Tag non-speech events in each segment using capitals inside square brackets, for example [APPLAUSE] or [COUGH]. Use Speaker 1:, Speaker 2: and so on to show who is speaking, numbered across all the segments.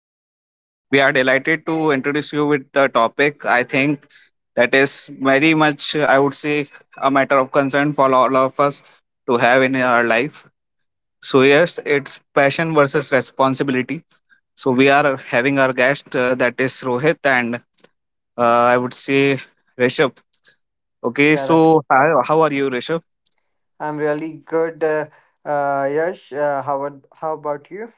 Speaker 1: and we are delighted to introduce you with the topic. I think that is very much, I would say, a matter of concern for all of us to have in our life. So, yes, it's passion versus responsibility. So, we are having our guest that is Rohit and I would say Rishabh. Okay,
Speaker 2: Yeah, right.
Speaker 1: so hi, how are you, Rishabh?
Speaker 2: I'm really good, Yash. How about you?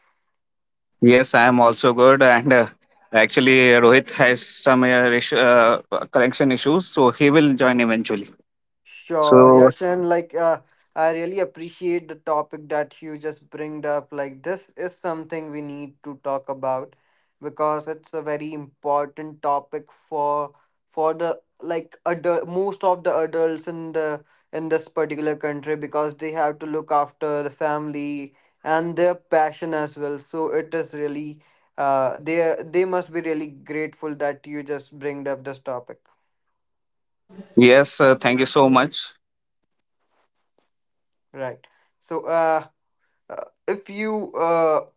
Speaker 1: Yes, I am also good. And actually, Rohit has some connection issues, so he will join eventually.
Speaker 2: Sure,
Speaker 1: So,
Speaker 2: Yash, and I really appreciate the topic that you just bringed up. Like this is something we need to talk about because it's a very important topic for the adult, most of the adults in the in this particular country because they have to look after the family and their passion as well. So it is really they must be really grateful that you just bringed up this topic.
Speaker 1: yes, thank you so much.
Speaker 2: Right. So uh, if you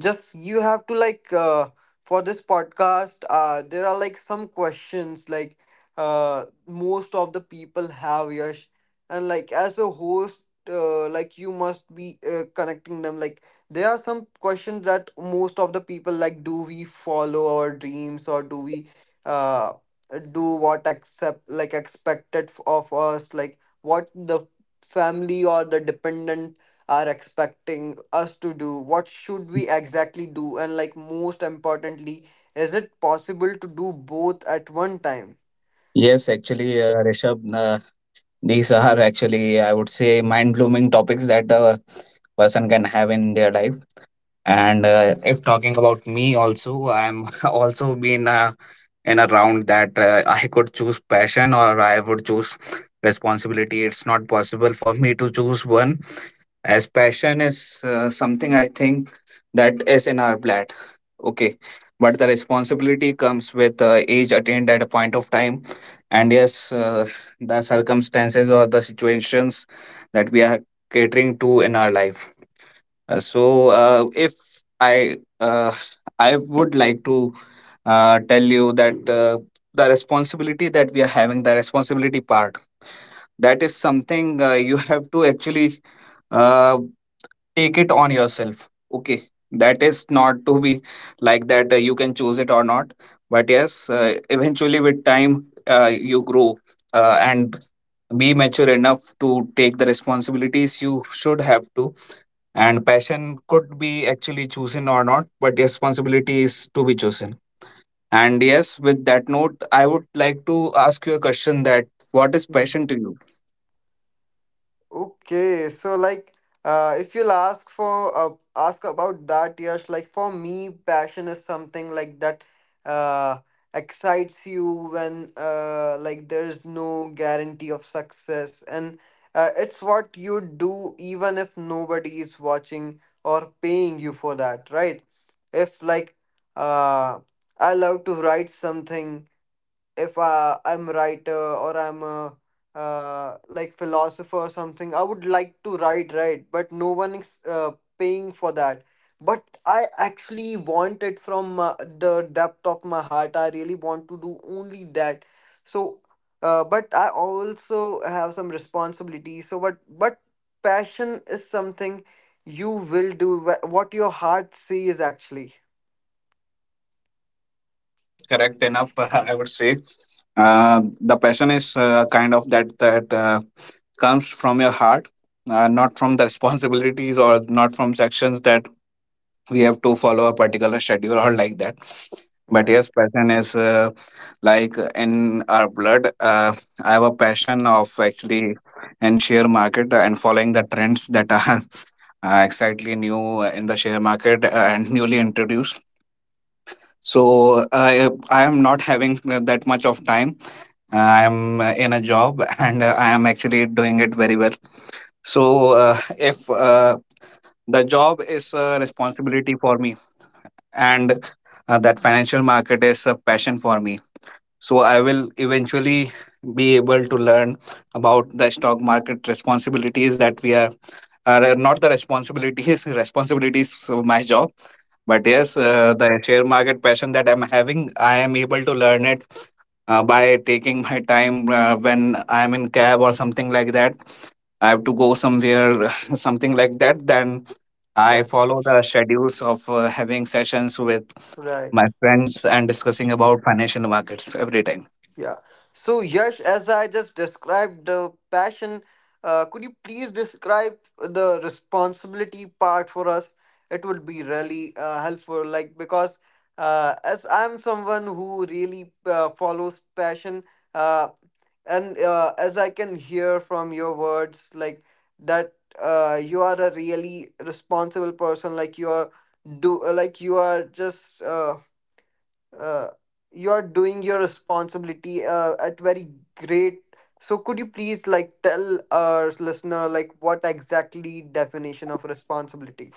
Speaker 2: just you have to for this podcast there are like some questions like most of the people have, Yash, and like as a host like you must be connecting them. Like there are some questions that most of the people like, do we follow our dreams or do we uh, do what accept like expected of us, like what the family or the dependent are expecting us to do? What should we exactly do? And like most importantly, is it possible to do both at one time?
Speaker 1: Yes, actually, Rishabh, these are actually, I would say, mind blowing topics that a person can have in their life. And if talking about me, also, I'm [LAUGHS] also been in a round that I could choose passion or I would choose responsibility. It's not possible for me to choose one, as passion is something I think that is in our blood. Okay, but the responsibility comes with age attained at a point of time, and yes, the circumstances or the situations that we are catering to in our life. So if I uh, I would like to tell you that the responsibility that we are having, the responsibility part, that is something you have to actually uh, take it on yourself. Okay, that is not to be like that you can choose it or not, but yes, eventually with time you grow and be mature enough to take the responsibilities you should have to, and passion could be actually chosen or not, but responsibility is to be chosen. And yes, with that note, I would like to ask you a question: that what is passion to you?
Speaker 2: Okay, so like, if you'll ask about that, Yash, like for me, passion is something like that uh, excites you when like there's no guarantee of success, and it's what you do even if nobody is watching or paying you for that, right? If like, uh, I love to write something. If I'm writer or I'm a like philosopher or something, I would like to write, right? But no one is paying for that. But I actually want it from the depth of my heart. I really want to do only that. So, but I also have some responsibility. So, but passion is something you will do what your heart says actually.
Speaker 1: Yes, correct enough. [LAUGHS] I would say, the passion is kind of that comes from your heart, not from the responsibilities or not from sections that we have to follow a particular schedule or like that. But
Speaker 2: Right.
Speaker 1: yes, passion is like in our blood. I have a passion of actually in share market and following the trends that are [LAUGHS] exactly new in the share market and newly introduced. So I am not having that much of time. I am in a job [LAUGHS] and I am actually doing it very well. So, if the job is a responsibility for me, and that financial market is a passion for me, so I will eventually be able to learn about the stock market responsibilities that we are not the responsibilities, [LAUGHS] responsibilities of my job, but yes,
Speaker 2: Right.
Speaker 1: the share market passion that I'm having, I am able to learn it by taking my time when I'm in cab or something like that. I have to go somewhere, [LAUGHS] something like that. Then I
Speaker 2: Right.
Speaker 1: follow the schedules of having sessions with my
Speaker 2: Right.
Speaker 1: friends and discussing about financial markets every time.
Speaker 2: Yeah. So, Yash, as I just described the passion, could you please describe the responsibility part for us? It would be really helpful, like because as I'm someone who really follows passion, uh, and as I can hear from your words, like that you are a really responsible person, like you are do like you are just uh, you're doing your responsibility at very great. So could you please like tell our listener like what exactly definition of responsibility,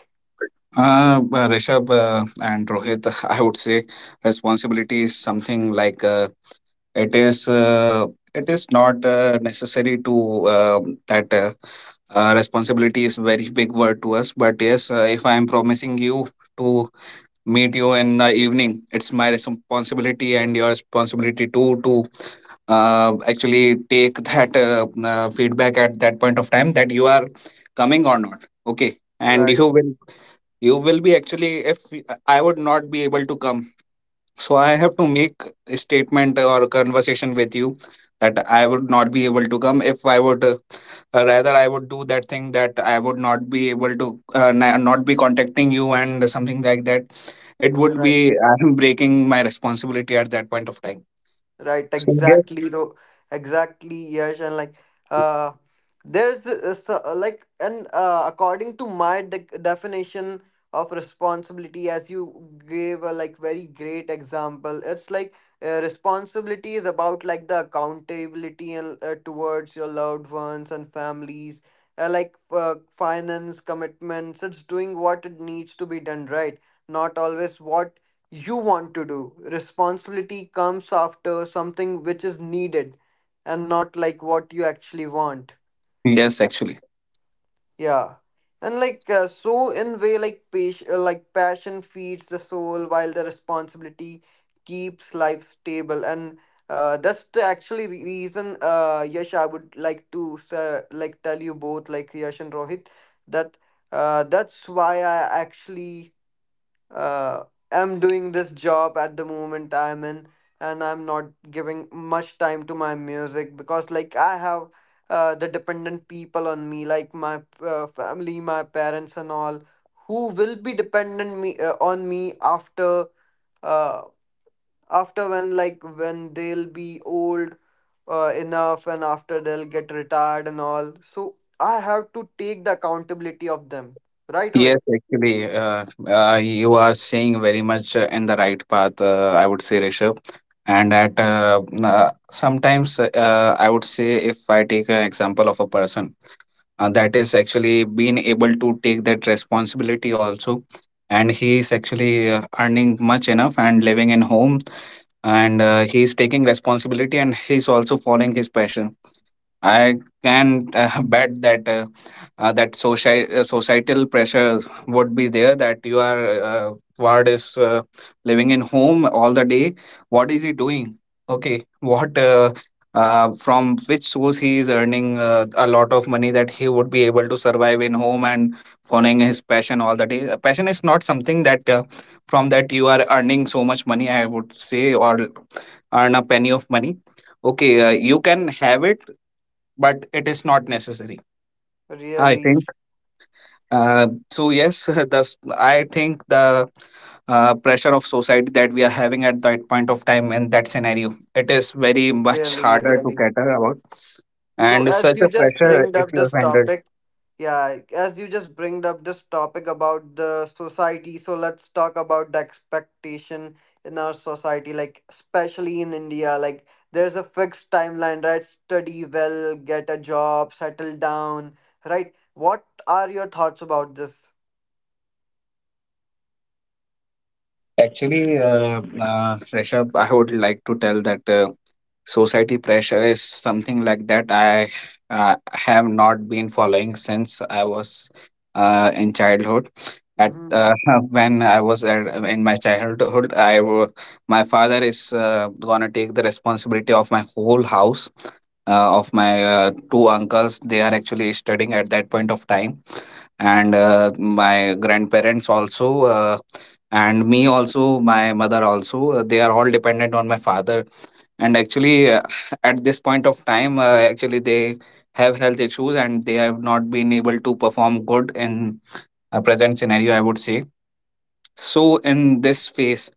Speaker 1: Rishabh and Rohit, [LAUGHS] I would say responsibility is something like It is uh, it is not necessary to um that responsibility is very big word to us. But yes, if I am promising you to meet you in the evening, it's my responsibility and your responsibility too to actually take that feedback at that point of time that you are coming or not. Okay, and
Speaker 2: right?
Speaker 1: you will be actually, if I would not be able to come, so I have to make a statement or conversation with you that I would not be able to come. If I would, rather I would do that thing that I would not be able to not be contacting you and something like that, it would
Speaker 2: Right.
Speaker 1: be [LAUGHS] I'm breaking my responsibility at that point of time.
Speaker 2: Right,
Speaker 1: So yes,
Speaker 2: exactly, no, exactly, yes, and like, uh, there's this, like, and according to my de definition of responsibility, as you gave a like very great example, it's like responsibility is about like the accountability and towards your loved ones and families, like finance commitments. It's doing what it needs to be done, right? Not always what you want to do. Responsibility comes after something which is needed and not like what you actually want.
Speaker 1: yes, actually.
Speaker 2: Yeah. And so in way like like passion feeds the soul while the responsibility keeps life stable and that's the actually reason, Yash, I would like to like tell you both, like Yash and Rohit, that that's why I actually uh, am doing this job at the moment I'm in, and I'm not giving much time to my music because, like, I have the dependent people on me, like my family, my parents, and all, who will be dependent me on me after uh, after when like when they'll be old enough and after they'll get retired and all. So I have to take the accountability of them, right,
Speaker 1: Yes,
Speaker 2: Rohit?
Speaker 1: actually, you are saying very much in the right path, I would say, Rishabh. And that sometimes I would say, if I take an example of a person that is actually being able to take that responsibility also, and he is actually earning much enough and living in home, and he is taking responsibility and he is also following his passion, I can [LAUGHS] bet that societal pressure would be there that you are Ward is living in home all the day. What is he doing? Okay, what from which source he is earning a lot of money that he would be able to survive in home and following his passion all the day. Passion is not something that from that you are earning so much money, I would say, or earn a penny of money. Okay, you can have it, but it is not necessary, I
Speaker 2: Really,
Speaker 1: think. So yes, [LAUGHS] thus I think the pressure of society that we are having at that point of time, in that scenario, it is very much
Speaker 2: really,
Speaker 1: harder to
Speaker 2: really.
Speaker 1: cater about,
Speaker 2: So
Speaker 1: and
Speaker 2: as
Speaker 1: such
Speaker 2: you
Speaker 1: a
Speaker 2: just
Speaker 1: pressure
Speaker 2: bring
Speaker 1: if
Speaker 2: up
Speaker 1: you are.
Speaker 2: this topic, yeah, as you just bring up this topic about the society, so let's talk about the expectation in our society, like especially in India, like there's a fixed timeline, right? Study well, get a job, settle down, right? What are your thoughts about this?
Speaker 1: Actually, Rishabh, I would like to tell that society pressure is something like that I have not been following since I was in childhood. At
Speaker 2: Mm-hmm.
Speaker 1: [LAUGHS] when I was at, in my childhood, my father is gonna take the responsibility of my whole house. Of my two uncles, they are actually studying at that point of time, and my grandparents also. And me also, my mother also, they are all dependent on my father. And actually [LAUGHS] at this point of time, actually they have health issues and they have not been able to perform good in a present scenario, I would say. So in this phase,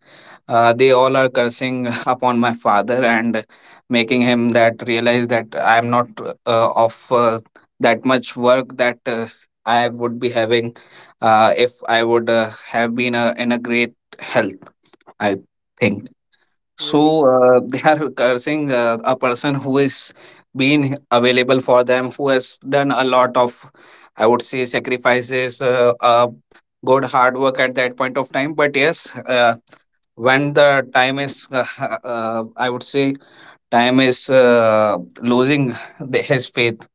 Speaker 1: they all are cursing [LAUGHS] upon my father and making him that realize that I am not of that much work that I would be having, if I would have been in a great health, I think.
Speaker 2: Really?
Speaker 1: So [LAUGHS] they are cursing a person who is being available for them, who has done a lot of, I would say, sacrifices, good hard work at that point of time. But yes, when the time is, [LAUGHS] I would say, time is losing the, his faith.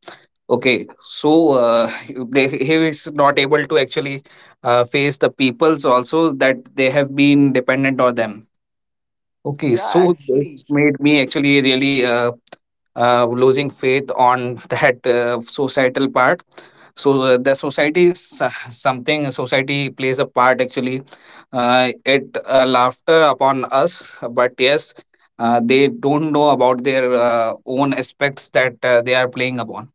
Speaker 1: Okay, so they, he is not able to actually face the peoples also that they have been dependent on them. Okay,
Speaker 2: Yeah,
Speaker 1: so this
Speaker 2: actually.
Speaker 1: made me actually really losing faith on that societal part. So the society is something, society plays a part actually. It laughter upon us, but yes, they don't know about their own aspects that they are playing upon.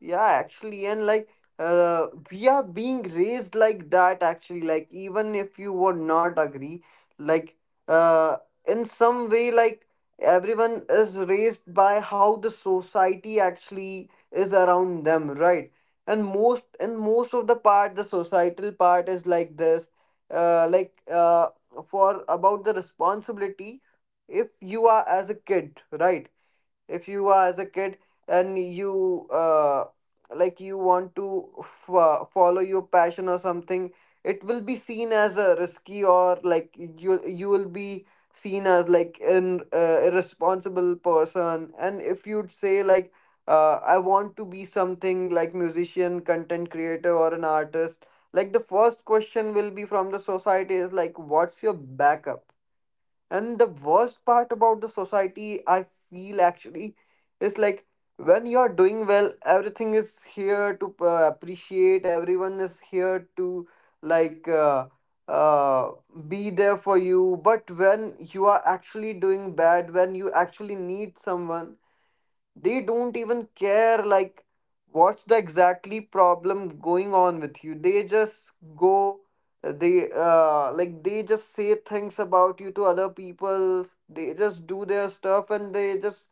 Speaker 2: Yeah, actually, and like we are being raised like that, actually. Like, even if you would not agree, like, uh, in some way, like, everyone is raised by how the society actually is around them, right? And most of the part, the societal part is like this, like, for about the responsibility, if you are as a kid, right? If you are as a kid and you like you want to follow your passion or something, it will be seen as a risky, or like you will be seen as like an irresponsible person. And if you'd say like I want to be something like musician, content creator, or an artist, like the first question will be from the society is like, what's your backup? And the worst part about the society, I feel actually, is like when you're doing well, everything is here to appreciate, everyone is here to like uh, be there for you. But when you are actually doing bad, when you actually need someone, they don't even care like what's the exactly problem going on with you. They just go, they like they just say things about you to other people, they just do their stuff, and they just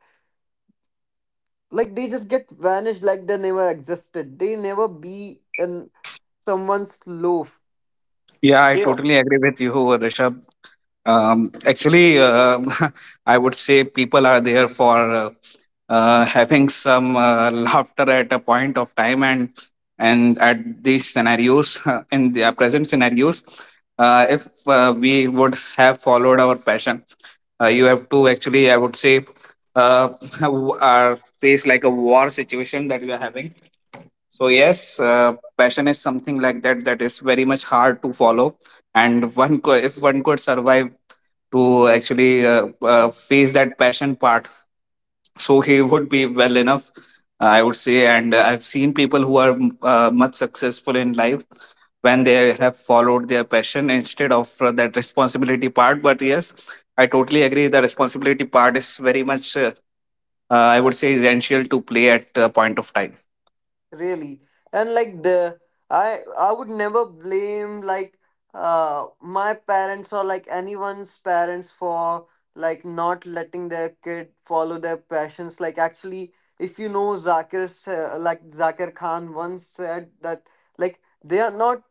Speaker 2: like they just get vanished like they never existed, they never be in someone's loaf.
Speaker 1: Yeah, I
Speaker 2: They
Speaker 1: totally agree with you, Rishabh. Actually, [LAUGHS] I would say people are there for having some [LAUGHS] laughter at a point of time, and at these scenarios [LAUGHS] in the present scenarios, if we would have followed our passion, you have to actually, I would say, uh, [LAUGHS] have, uh, face like a war situation that you are having. So yes, passion is something like that that is very much hard to follow, and if one could survive to actually face that passion part, so he would be well enough, I would say. And I've seen people who are much successful in life when they have followed their passion instead of that responsibility part. But yes, I totally agree, the responsibility part is very much, I would say, essential to play at a point of time.
Speaker 2: really. And like the I would never blame like my parents or like anyone's parents for like not letting their kid follow their passions. Like actually, if you know like Zakir Khan once said that, like they are not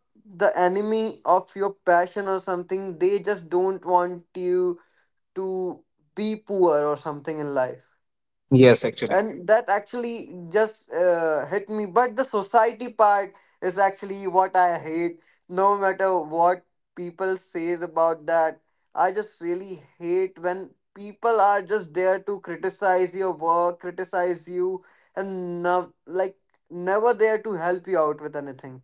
Speaker 2: the enemy of your passion or something, they just don't want you to be poor or something in life.
Speaker 1: Yes, actually.
Speaker 2: And that actually just hit me. But the society part is actually what I hate. No matter what people says about that, I just really hate when people are just there to criticize your work, criticize you, and no, like never there to help you out with anything.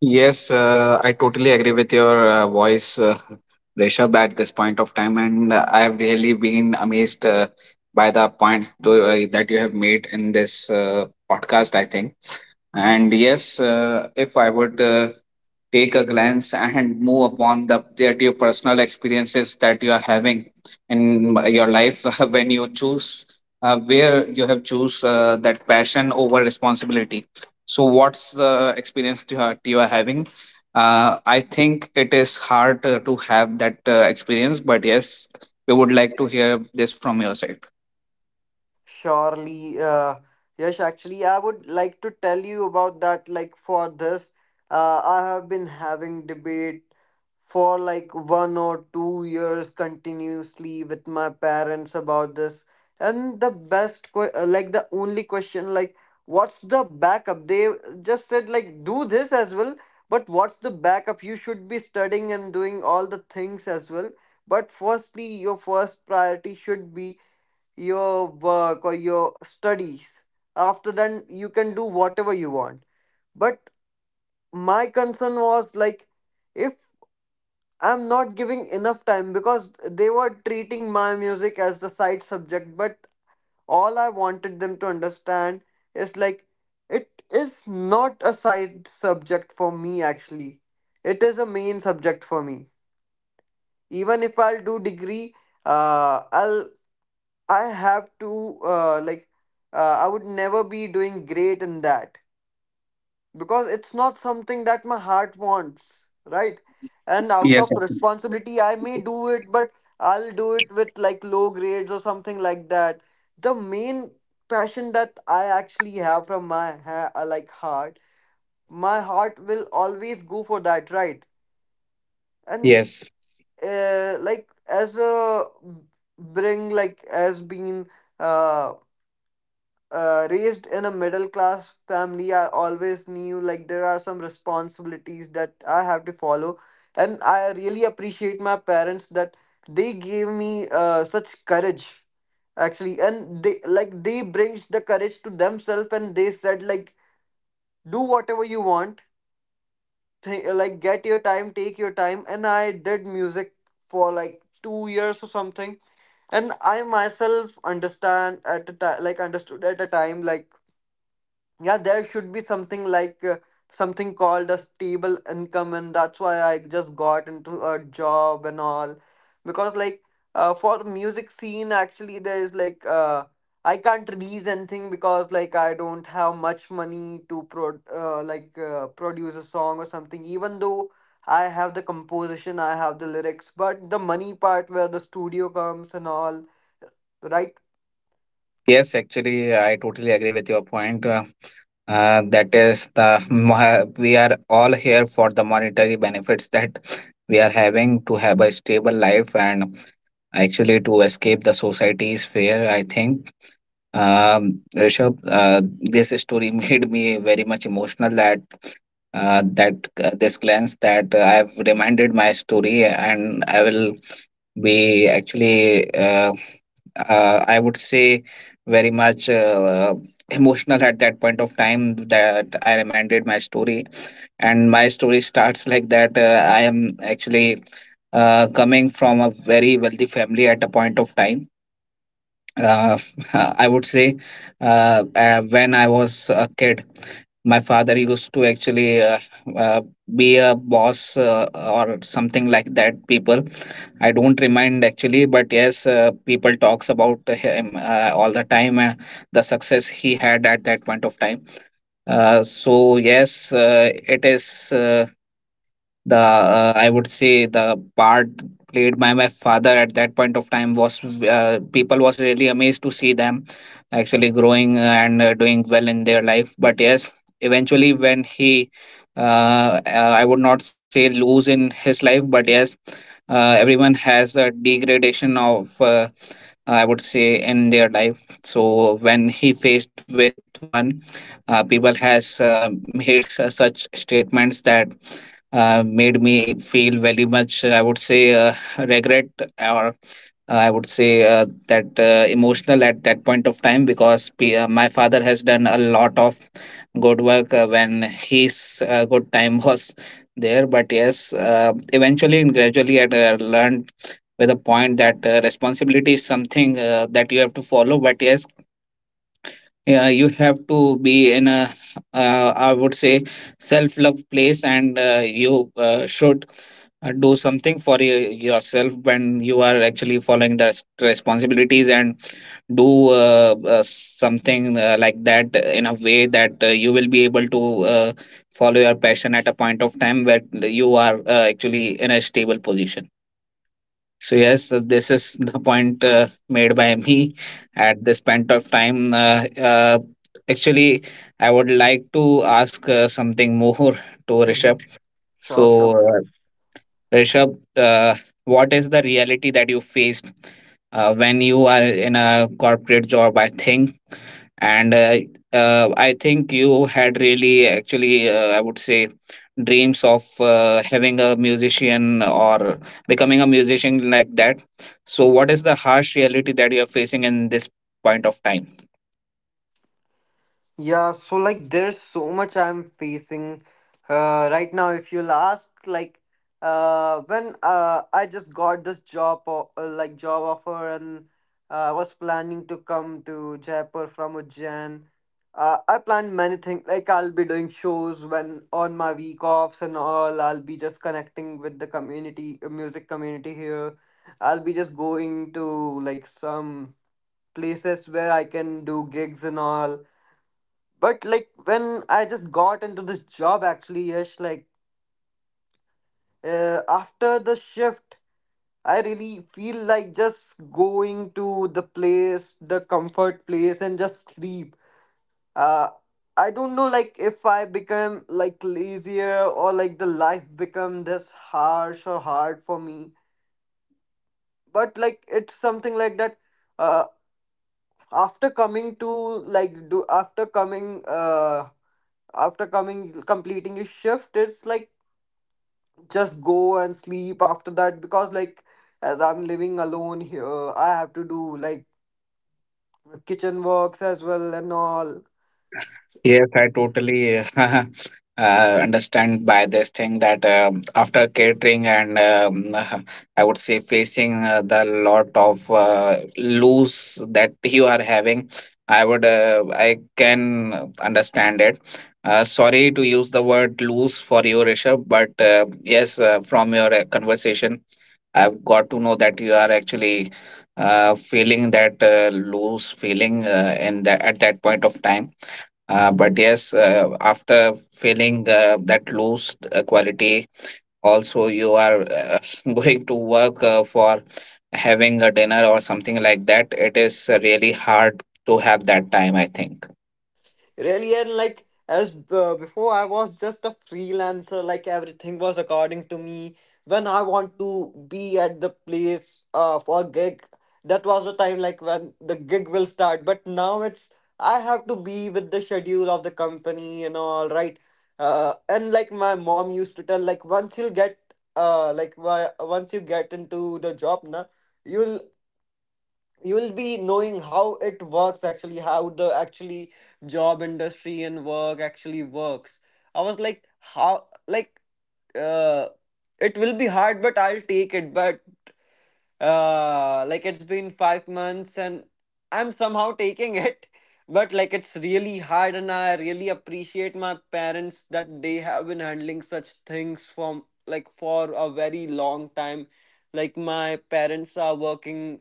Speaker 1: Yes, I totally agree with your voice, [LAUGHS] Rishabh, at this point of time. And I have really been amazed by the points that you have made in this podcast, I think. And yes, if I would take a glance and move upon the that your personal experiences that you are having in your life, [LAUGHS] when you choose where you have choose that passion over responsibility, so what's the experience you are having? I think it is hard to have that experience, but yes, we would like to hear this from your side.
Speaker 2: Surely, Yash, actually, I would like to tell you about that. Like, for this, I have been having debate for like 1 or 2 years continuously with my parents about this. And the best, like, the only question, like, what's the backup? They just said, like, do this as well, but what's the backup? You should be studying and doing all the things as well. But firstly, your first priority should be your work or your studies. After then, you can do whatever you want. But my concern was like, if I'm not giving enough time, because they were treating my music as the side subject, but all I wanted them to understand is like, it is not a side subject for me actually. It is a main subject for me. Even if I'll do degree, uh, I'll I have to like uh, I would never be doing great in that because it's not something that my heart wants, right? And out
Speaker 1: Yes,
Speaker 2: of
Speaker 1: ac-
Speaker 2: responsibility, I may do it, but I'll do it with like low grades or something like that. The main passion that I actually have from my like heart, my heart will always go for that, right? And
Speaker 1: yes,
Speaker 2: like as a bring like as being uh, raised in a middle class family, I always knew like there are some responsibilities that I have to follow, and I really appreciate my parents that they gave me such courage actually, and they like they brings the courage to themselves, and they said like, do whatever you want, like get your time, take your time. And I did music for like 2 years or something, and I myself understand at a time like understood at a time like, yeah, there should be something like something called a stable income. And that's why I just got into a job and all, because like for music scene actually, there is like I can't release anything because like I don't have much money to like produce a song or something. Even though I have the composition, I have the lyrics, but the money part where the studio comes and all, right?
Speaker 1: yes. Actually, I totally agree with your point. That is the moha- we are all here for the monetary benefits that we are having to have a stable life, and actually to escape the society's fear. I think Rishabh, this story [LAUGHS] made me very much emotional that this glance that I have reminded my story, and I will be actually I would say very much emotional at that point of time that I reminded my story. And my story starts like that. I am actually coming from a very wealthy family at a point of time. uh, [LAUGHS] I would say when I was a kid, my father used to actually uh, be a boss or something like that. People, I don't remind actually, but yes, people talks about him all the time. The success he had at that point of time. So yes, it is. The I would say the part played by my father at that point of time was people was really amazed to see them actually growing and doing well in their life. But yes, eventually when he I would not say lose in his life, but yes, everyone has a degradation of I would say in their life. So when he faced with one, people has made such statements that made me feel very much I would say regret or I would say that emotional at that point of time, because my father has done a lot of good work when his good time [LAUGHS] was there. But yes, eventually and gradually I learned with a point that responsibility is something that you have to follow. But yes, yeah, you have to be in a I would say self love place, and you should do something for yourself when you are actually following the responsibilities and do something like that in a way that you will be able to follow your passion at a point of time where you are actually in a stable position. So yes, this is the point made by me at this point of time. Actually, I would like to ask something more to
Speaker 2: Mm-hmm.
Speaker 1: Rishabh.
Speaker 2: Sure,
Speaker 1: So,
Speaker 2: sure.
Speaker 1: Rishabh, what is the reality that you faced when you are in a corporate job? I think, and I think you had really actually I would say dreams of having a musician or becoming a musician, like that. So what is the harsh reality that you are facing in this point of time?
Speaker 2: Yeah, so like there's so much I'm facing right now. If you'll ask, like when I just got this job or like job offer and I was planning to come to Jaipur from Ujjain. I planned many things like I'll be doing shows when on my week offs and all. I'll be just connecting with the community, music community here. I'll be just going to like some places where I can do gigs and all. But like when I just got into this job, actually, Yash, like after the shift, I really feel like just going to the place, the comfort place, and just sleep. Uh, I don't know, like if I become like lazier or like the life become this harsh or hard for me. But like it's something like that. Uh, after coming to like do after coming completing a shift, it's like just go and sleep after that, because like as I'm living alone here, I have to do like kitchen works as well and all.
Speaker 1: Yes, I totally [LAUGHS] understand by this thing that after catering and [LAUGHS] I would say facing the lot of loose that you are having, I would, I can understand it. Sorry to use the word loose for you, Rishabh, but yes, from your conversation, I've got to know that you are actually feeling that loose feeling in that at that point of time, but yes, after feeling that loose quality, also you are [LAUGHS] going to work for having a dinner or something like that. It is really hard to have that time, I think.
Speaker 2: Really. And like as before I was just a freelancer, like everything was according to me. When I want to be at the place for gig, that was the time like when the gig will start. But now it's I have to be with the schedule of the company and all, right? And like my mom used to tell like, once you'll get why, once you get into the job na, you'll you will be knowing how it works actually, how the actually job industry and work actually works. I was like, how, like uh it will be hard but I'll take it. But like, it's been 5 months and I'm somehow taking [LAUGHS] it, but like it's really hard. And I really appreciate my parents that they have been handling such things from like for a very long time. Like my parents are working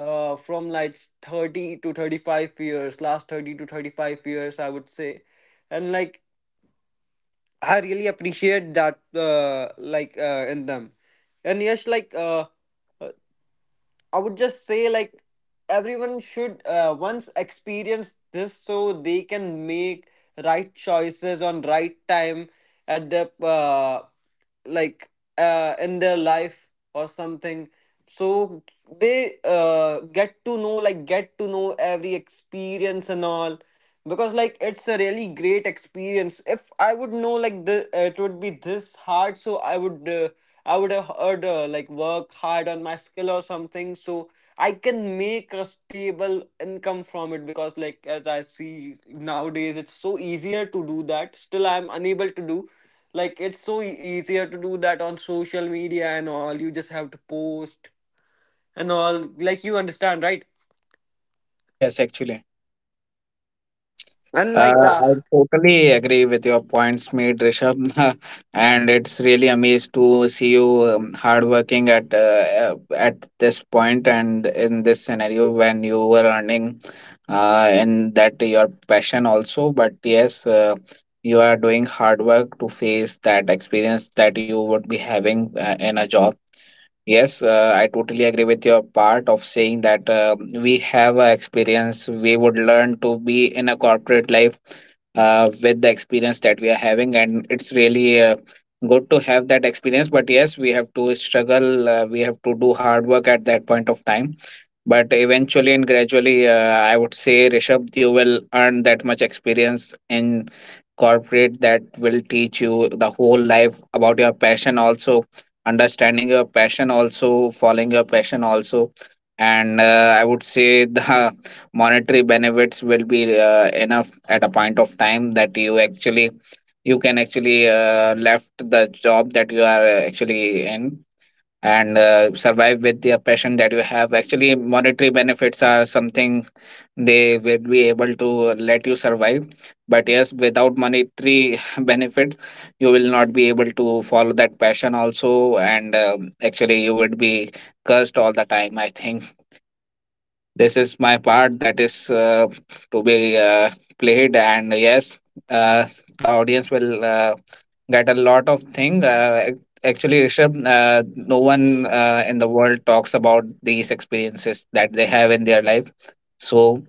Speaker 2: from like 30 to 35 years, last 30 to 35 years I would say. And like I really appreciate that, in them. And yes, like uh, I would just say, like everyone should once experience this, so they can make right choices on right time at the like in their life or something, so they get to know every experience and all. Because like it's a really great experience. If I would know like the it would be this hard, so I would, I would have heard like, work hard on my skill or something, so I can make a stable income from it. Because like as I see nowadays, it's so easier to do that, still I'm unable to do. Like it's so easier to do that on social media and all. You just have to post and all. Like you understand, right?
Speaker 1: Yes, actually.
Speaker 2: And like, yeah,
Speaker 1: I totally agree with your points made, Rishabh, [LAUGHS] and it's really amazed to see you hardworking at this point and in this scenario when you were earning, in that your passion also. But yes, you are doing hard work to face that experience that you would be having in a job. Yes, I totally agree with your part of saying that we have a experience. We would learn to be in a corporate life with the experience that we are having, and it's really good to have that experience. But yes, we have to struggle. We have to do hard work at that point of time, but eventually and gradually I would say, Rishabh, you will earn that much experience in corporate that will teach you the whole life about your passion also, understanding your passion also, following your passion also. And I would say the [LAUGHS] monetary benefits will be enough at a point of time that you actually, you can actually left the job that you are actually in, and survive with the passion that you have. Actually, monetary benefits are something, they will be able to let you survive. But yes, without monetary [LAUGHS] benefits, you will not be able to follow that passion also. And actually, you would be cursed all the time. I think this is my part that is to be played. And yes, uh, the audience will get a lot of thing. Actually, Rishabh, no one in the world talks about these experiences that they have in their life. So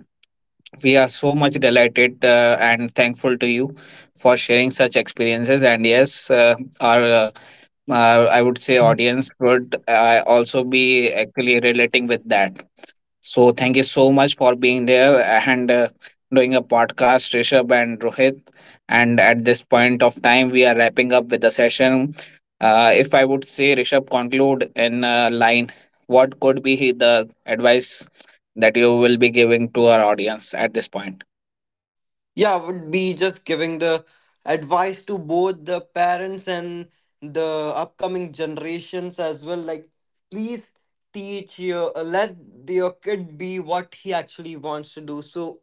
Speaker 1: we are so much delighted and thankful to you for sharing such experiences. And yes, our I would say audience would also be actually relating with that. So thank you so much for being there and doing a podcast, Rishabh and Rohit. And at this point of time, we are wrapping up with the session. If I would say, Rishabh, conclude in a line, what could be the advice that you will be giving to our audience at this point?
Speaker 2: yeah, would be just giving the advice to both the parents and the upcoming generations as well. Like, please teach your, let your kid be what he actually wants to do. So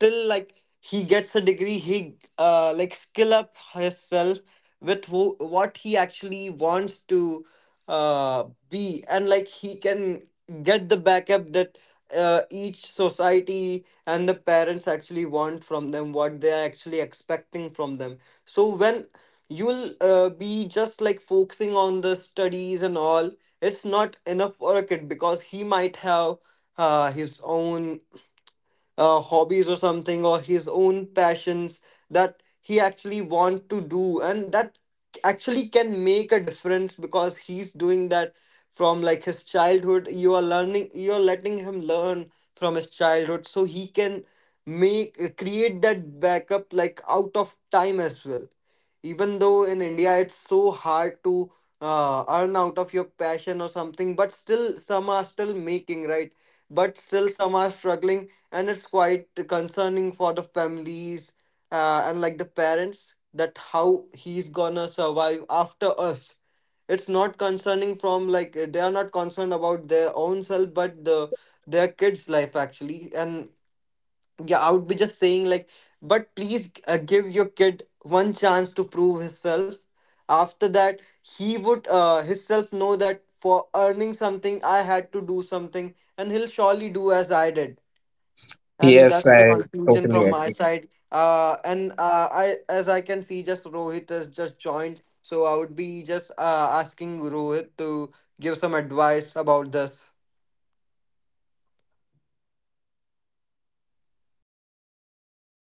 Speaker 2: till like he gets a degree, he skill up himself with what he actually wants to uh be, and like he can get the backup that each society and the parents actually want from them, what they are actually expecting from them. So when you'll be just like focusing on the studies and all, it's not enough for a kid, because he might have his own hobbies or something, or his own passions that he actually wants to do, and that actually can make a difference, because he's doing that from like his childhood. You're letting him learn from his childhood, so he can make create that backup like out of time as well. Even though in India it's so hard to earn out of your passion or something, but still some are still making, right, but still some are struggling, and it's quite concerning for the families and like the parents, that how he's gonna survive after us. It's not concerning from like, they are not concerned about their own self, but their kids life actually. And yeah, I would be just saying like, but please give your kid one chance to prove himself. After that, he would himself know that for earning something, I had to do something, and he'll surely do as I did. And
Speaker 1: Yes,
Speaker 2: that's the
Speaker 1: I
Speaker 2: conclusion
Speaker 1: totally
Speaker 2: from my
Speaker 1: agree.
Speaker 2: side. Uh and I as I can see, just Rohit has just joined, so I would be just asking Rohit to give some advice about this.
Speaker 1: Actually,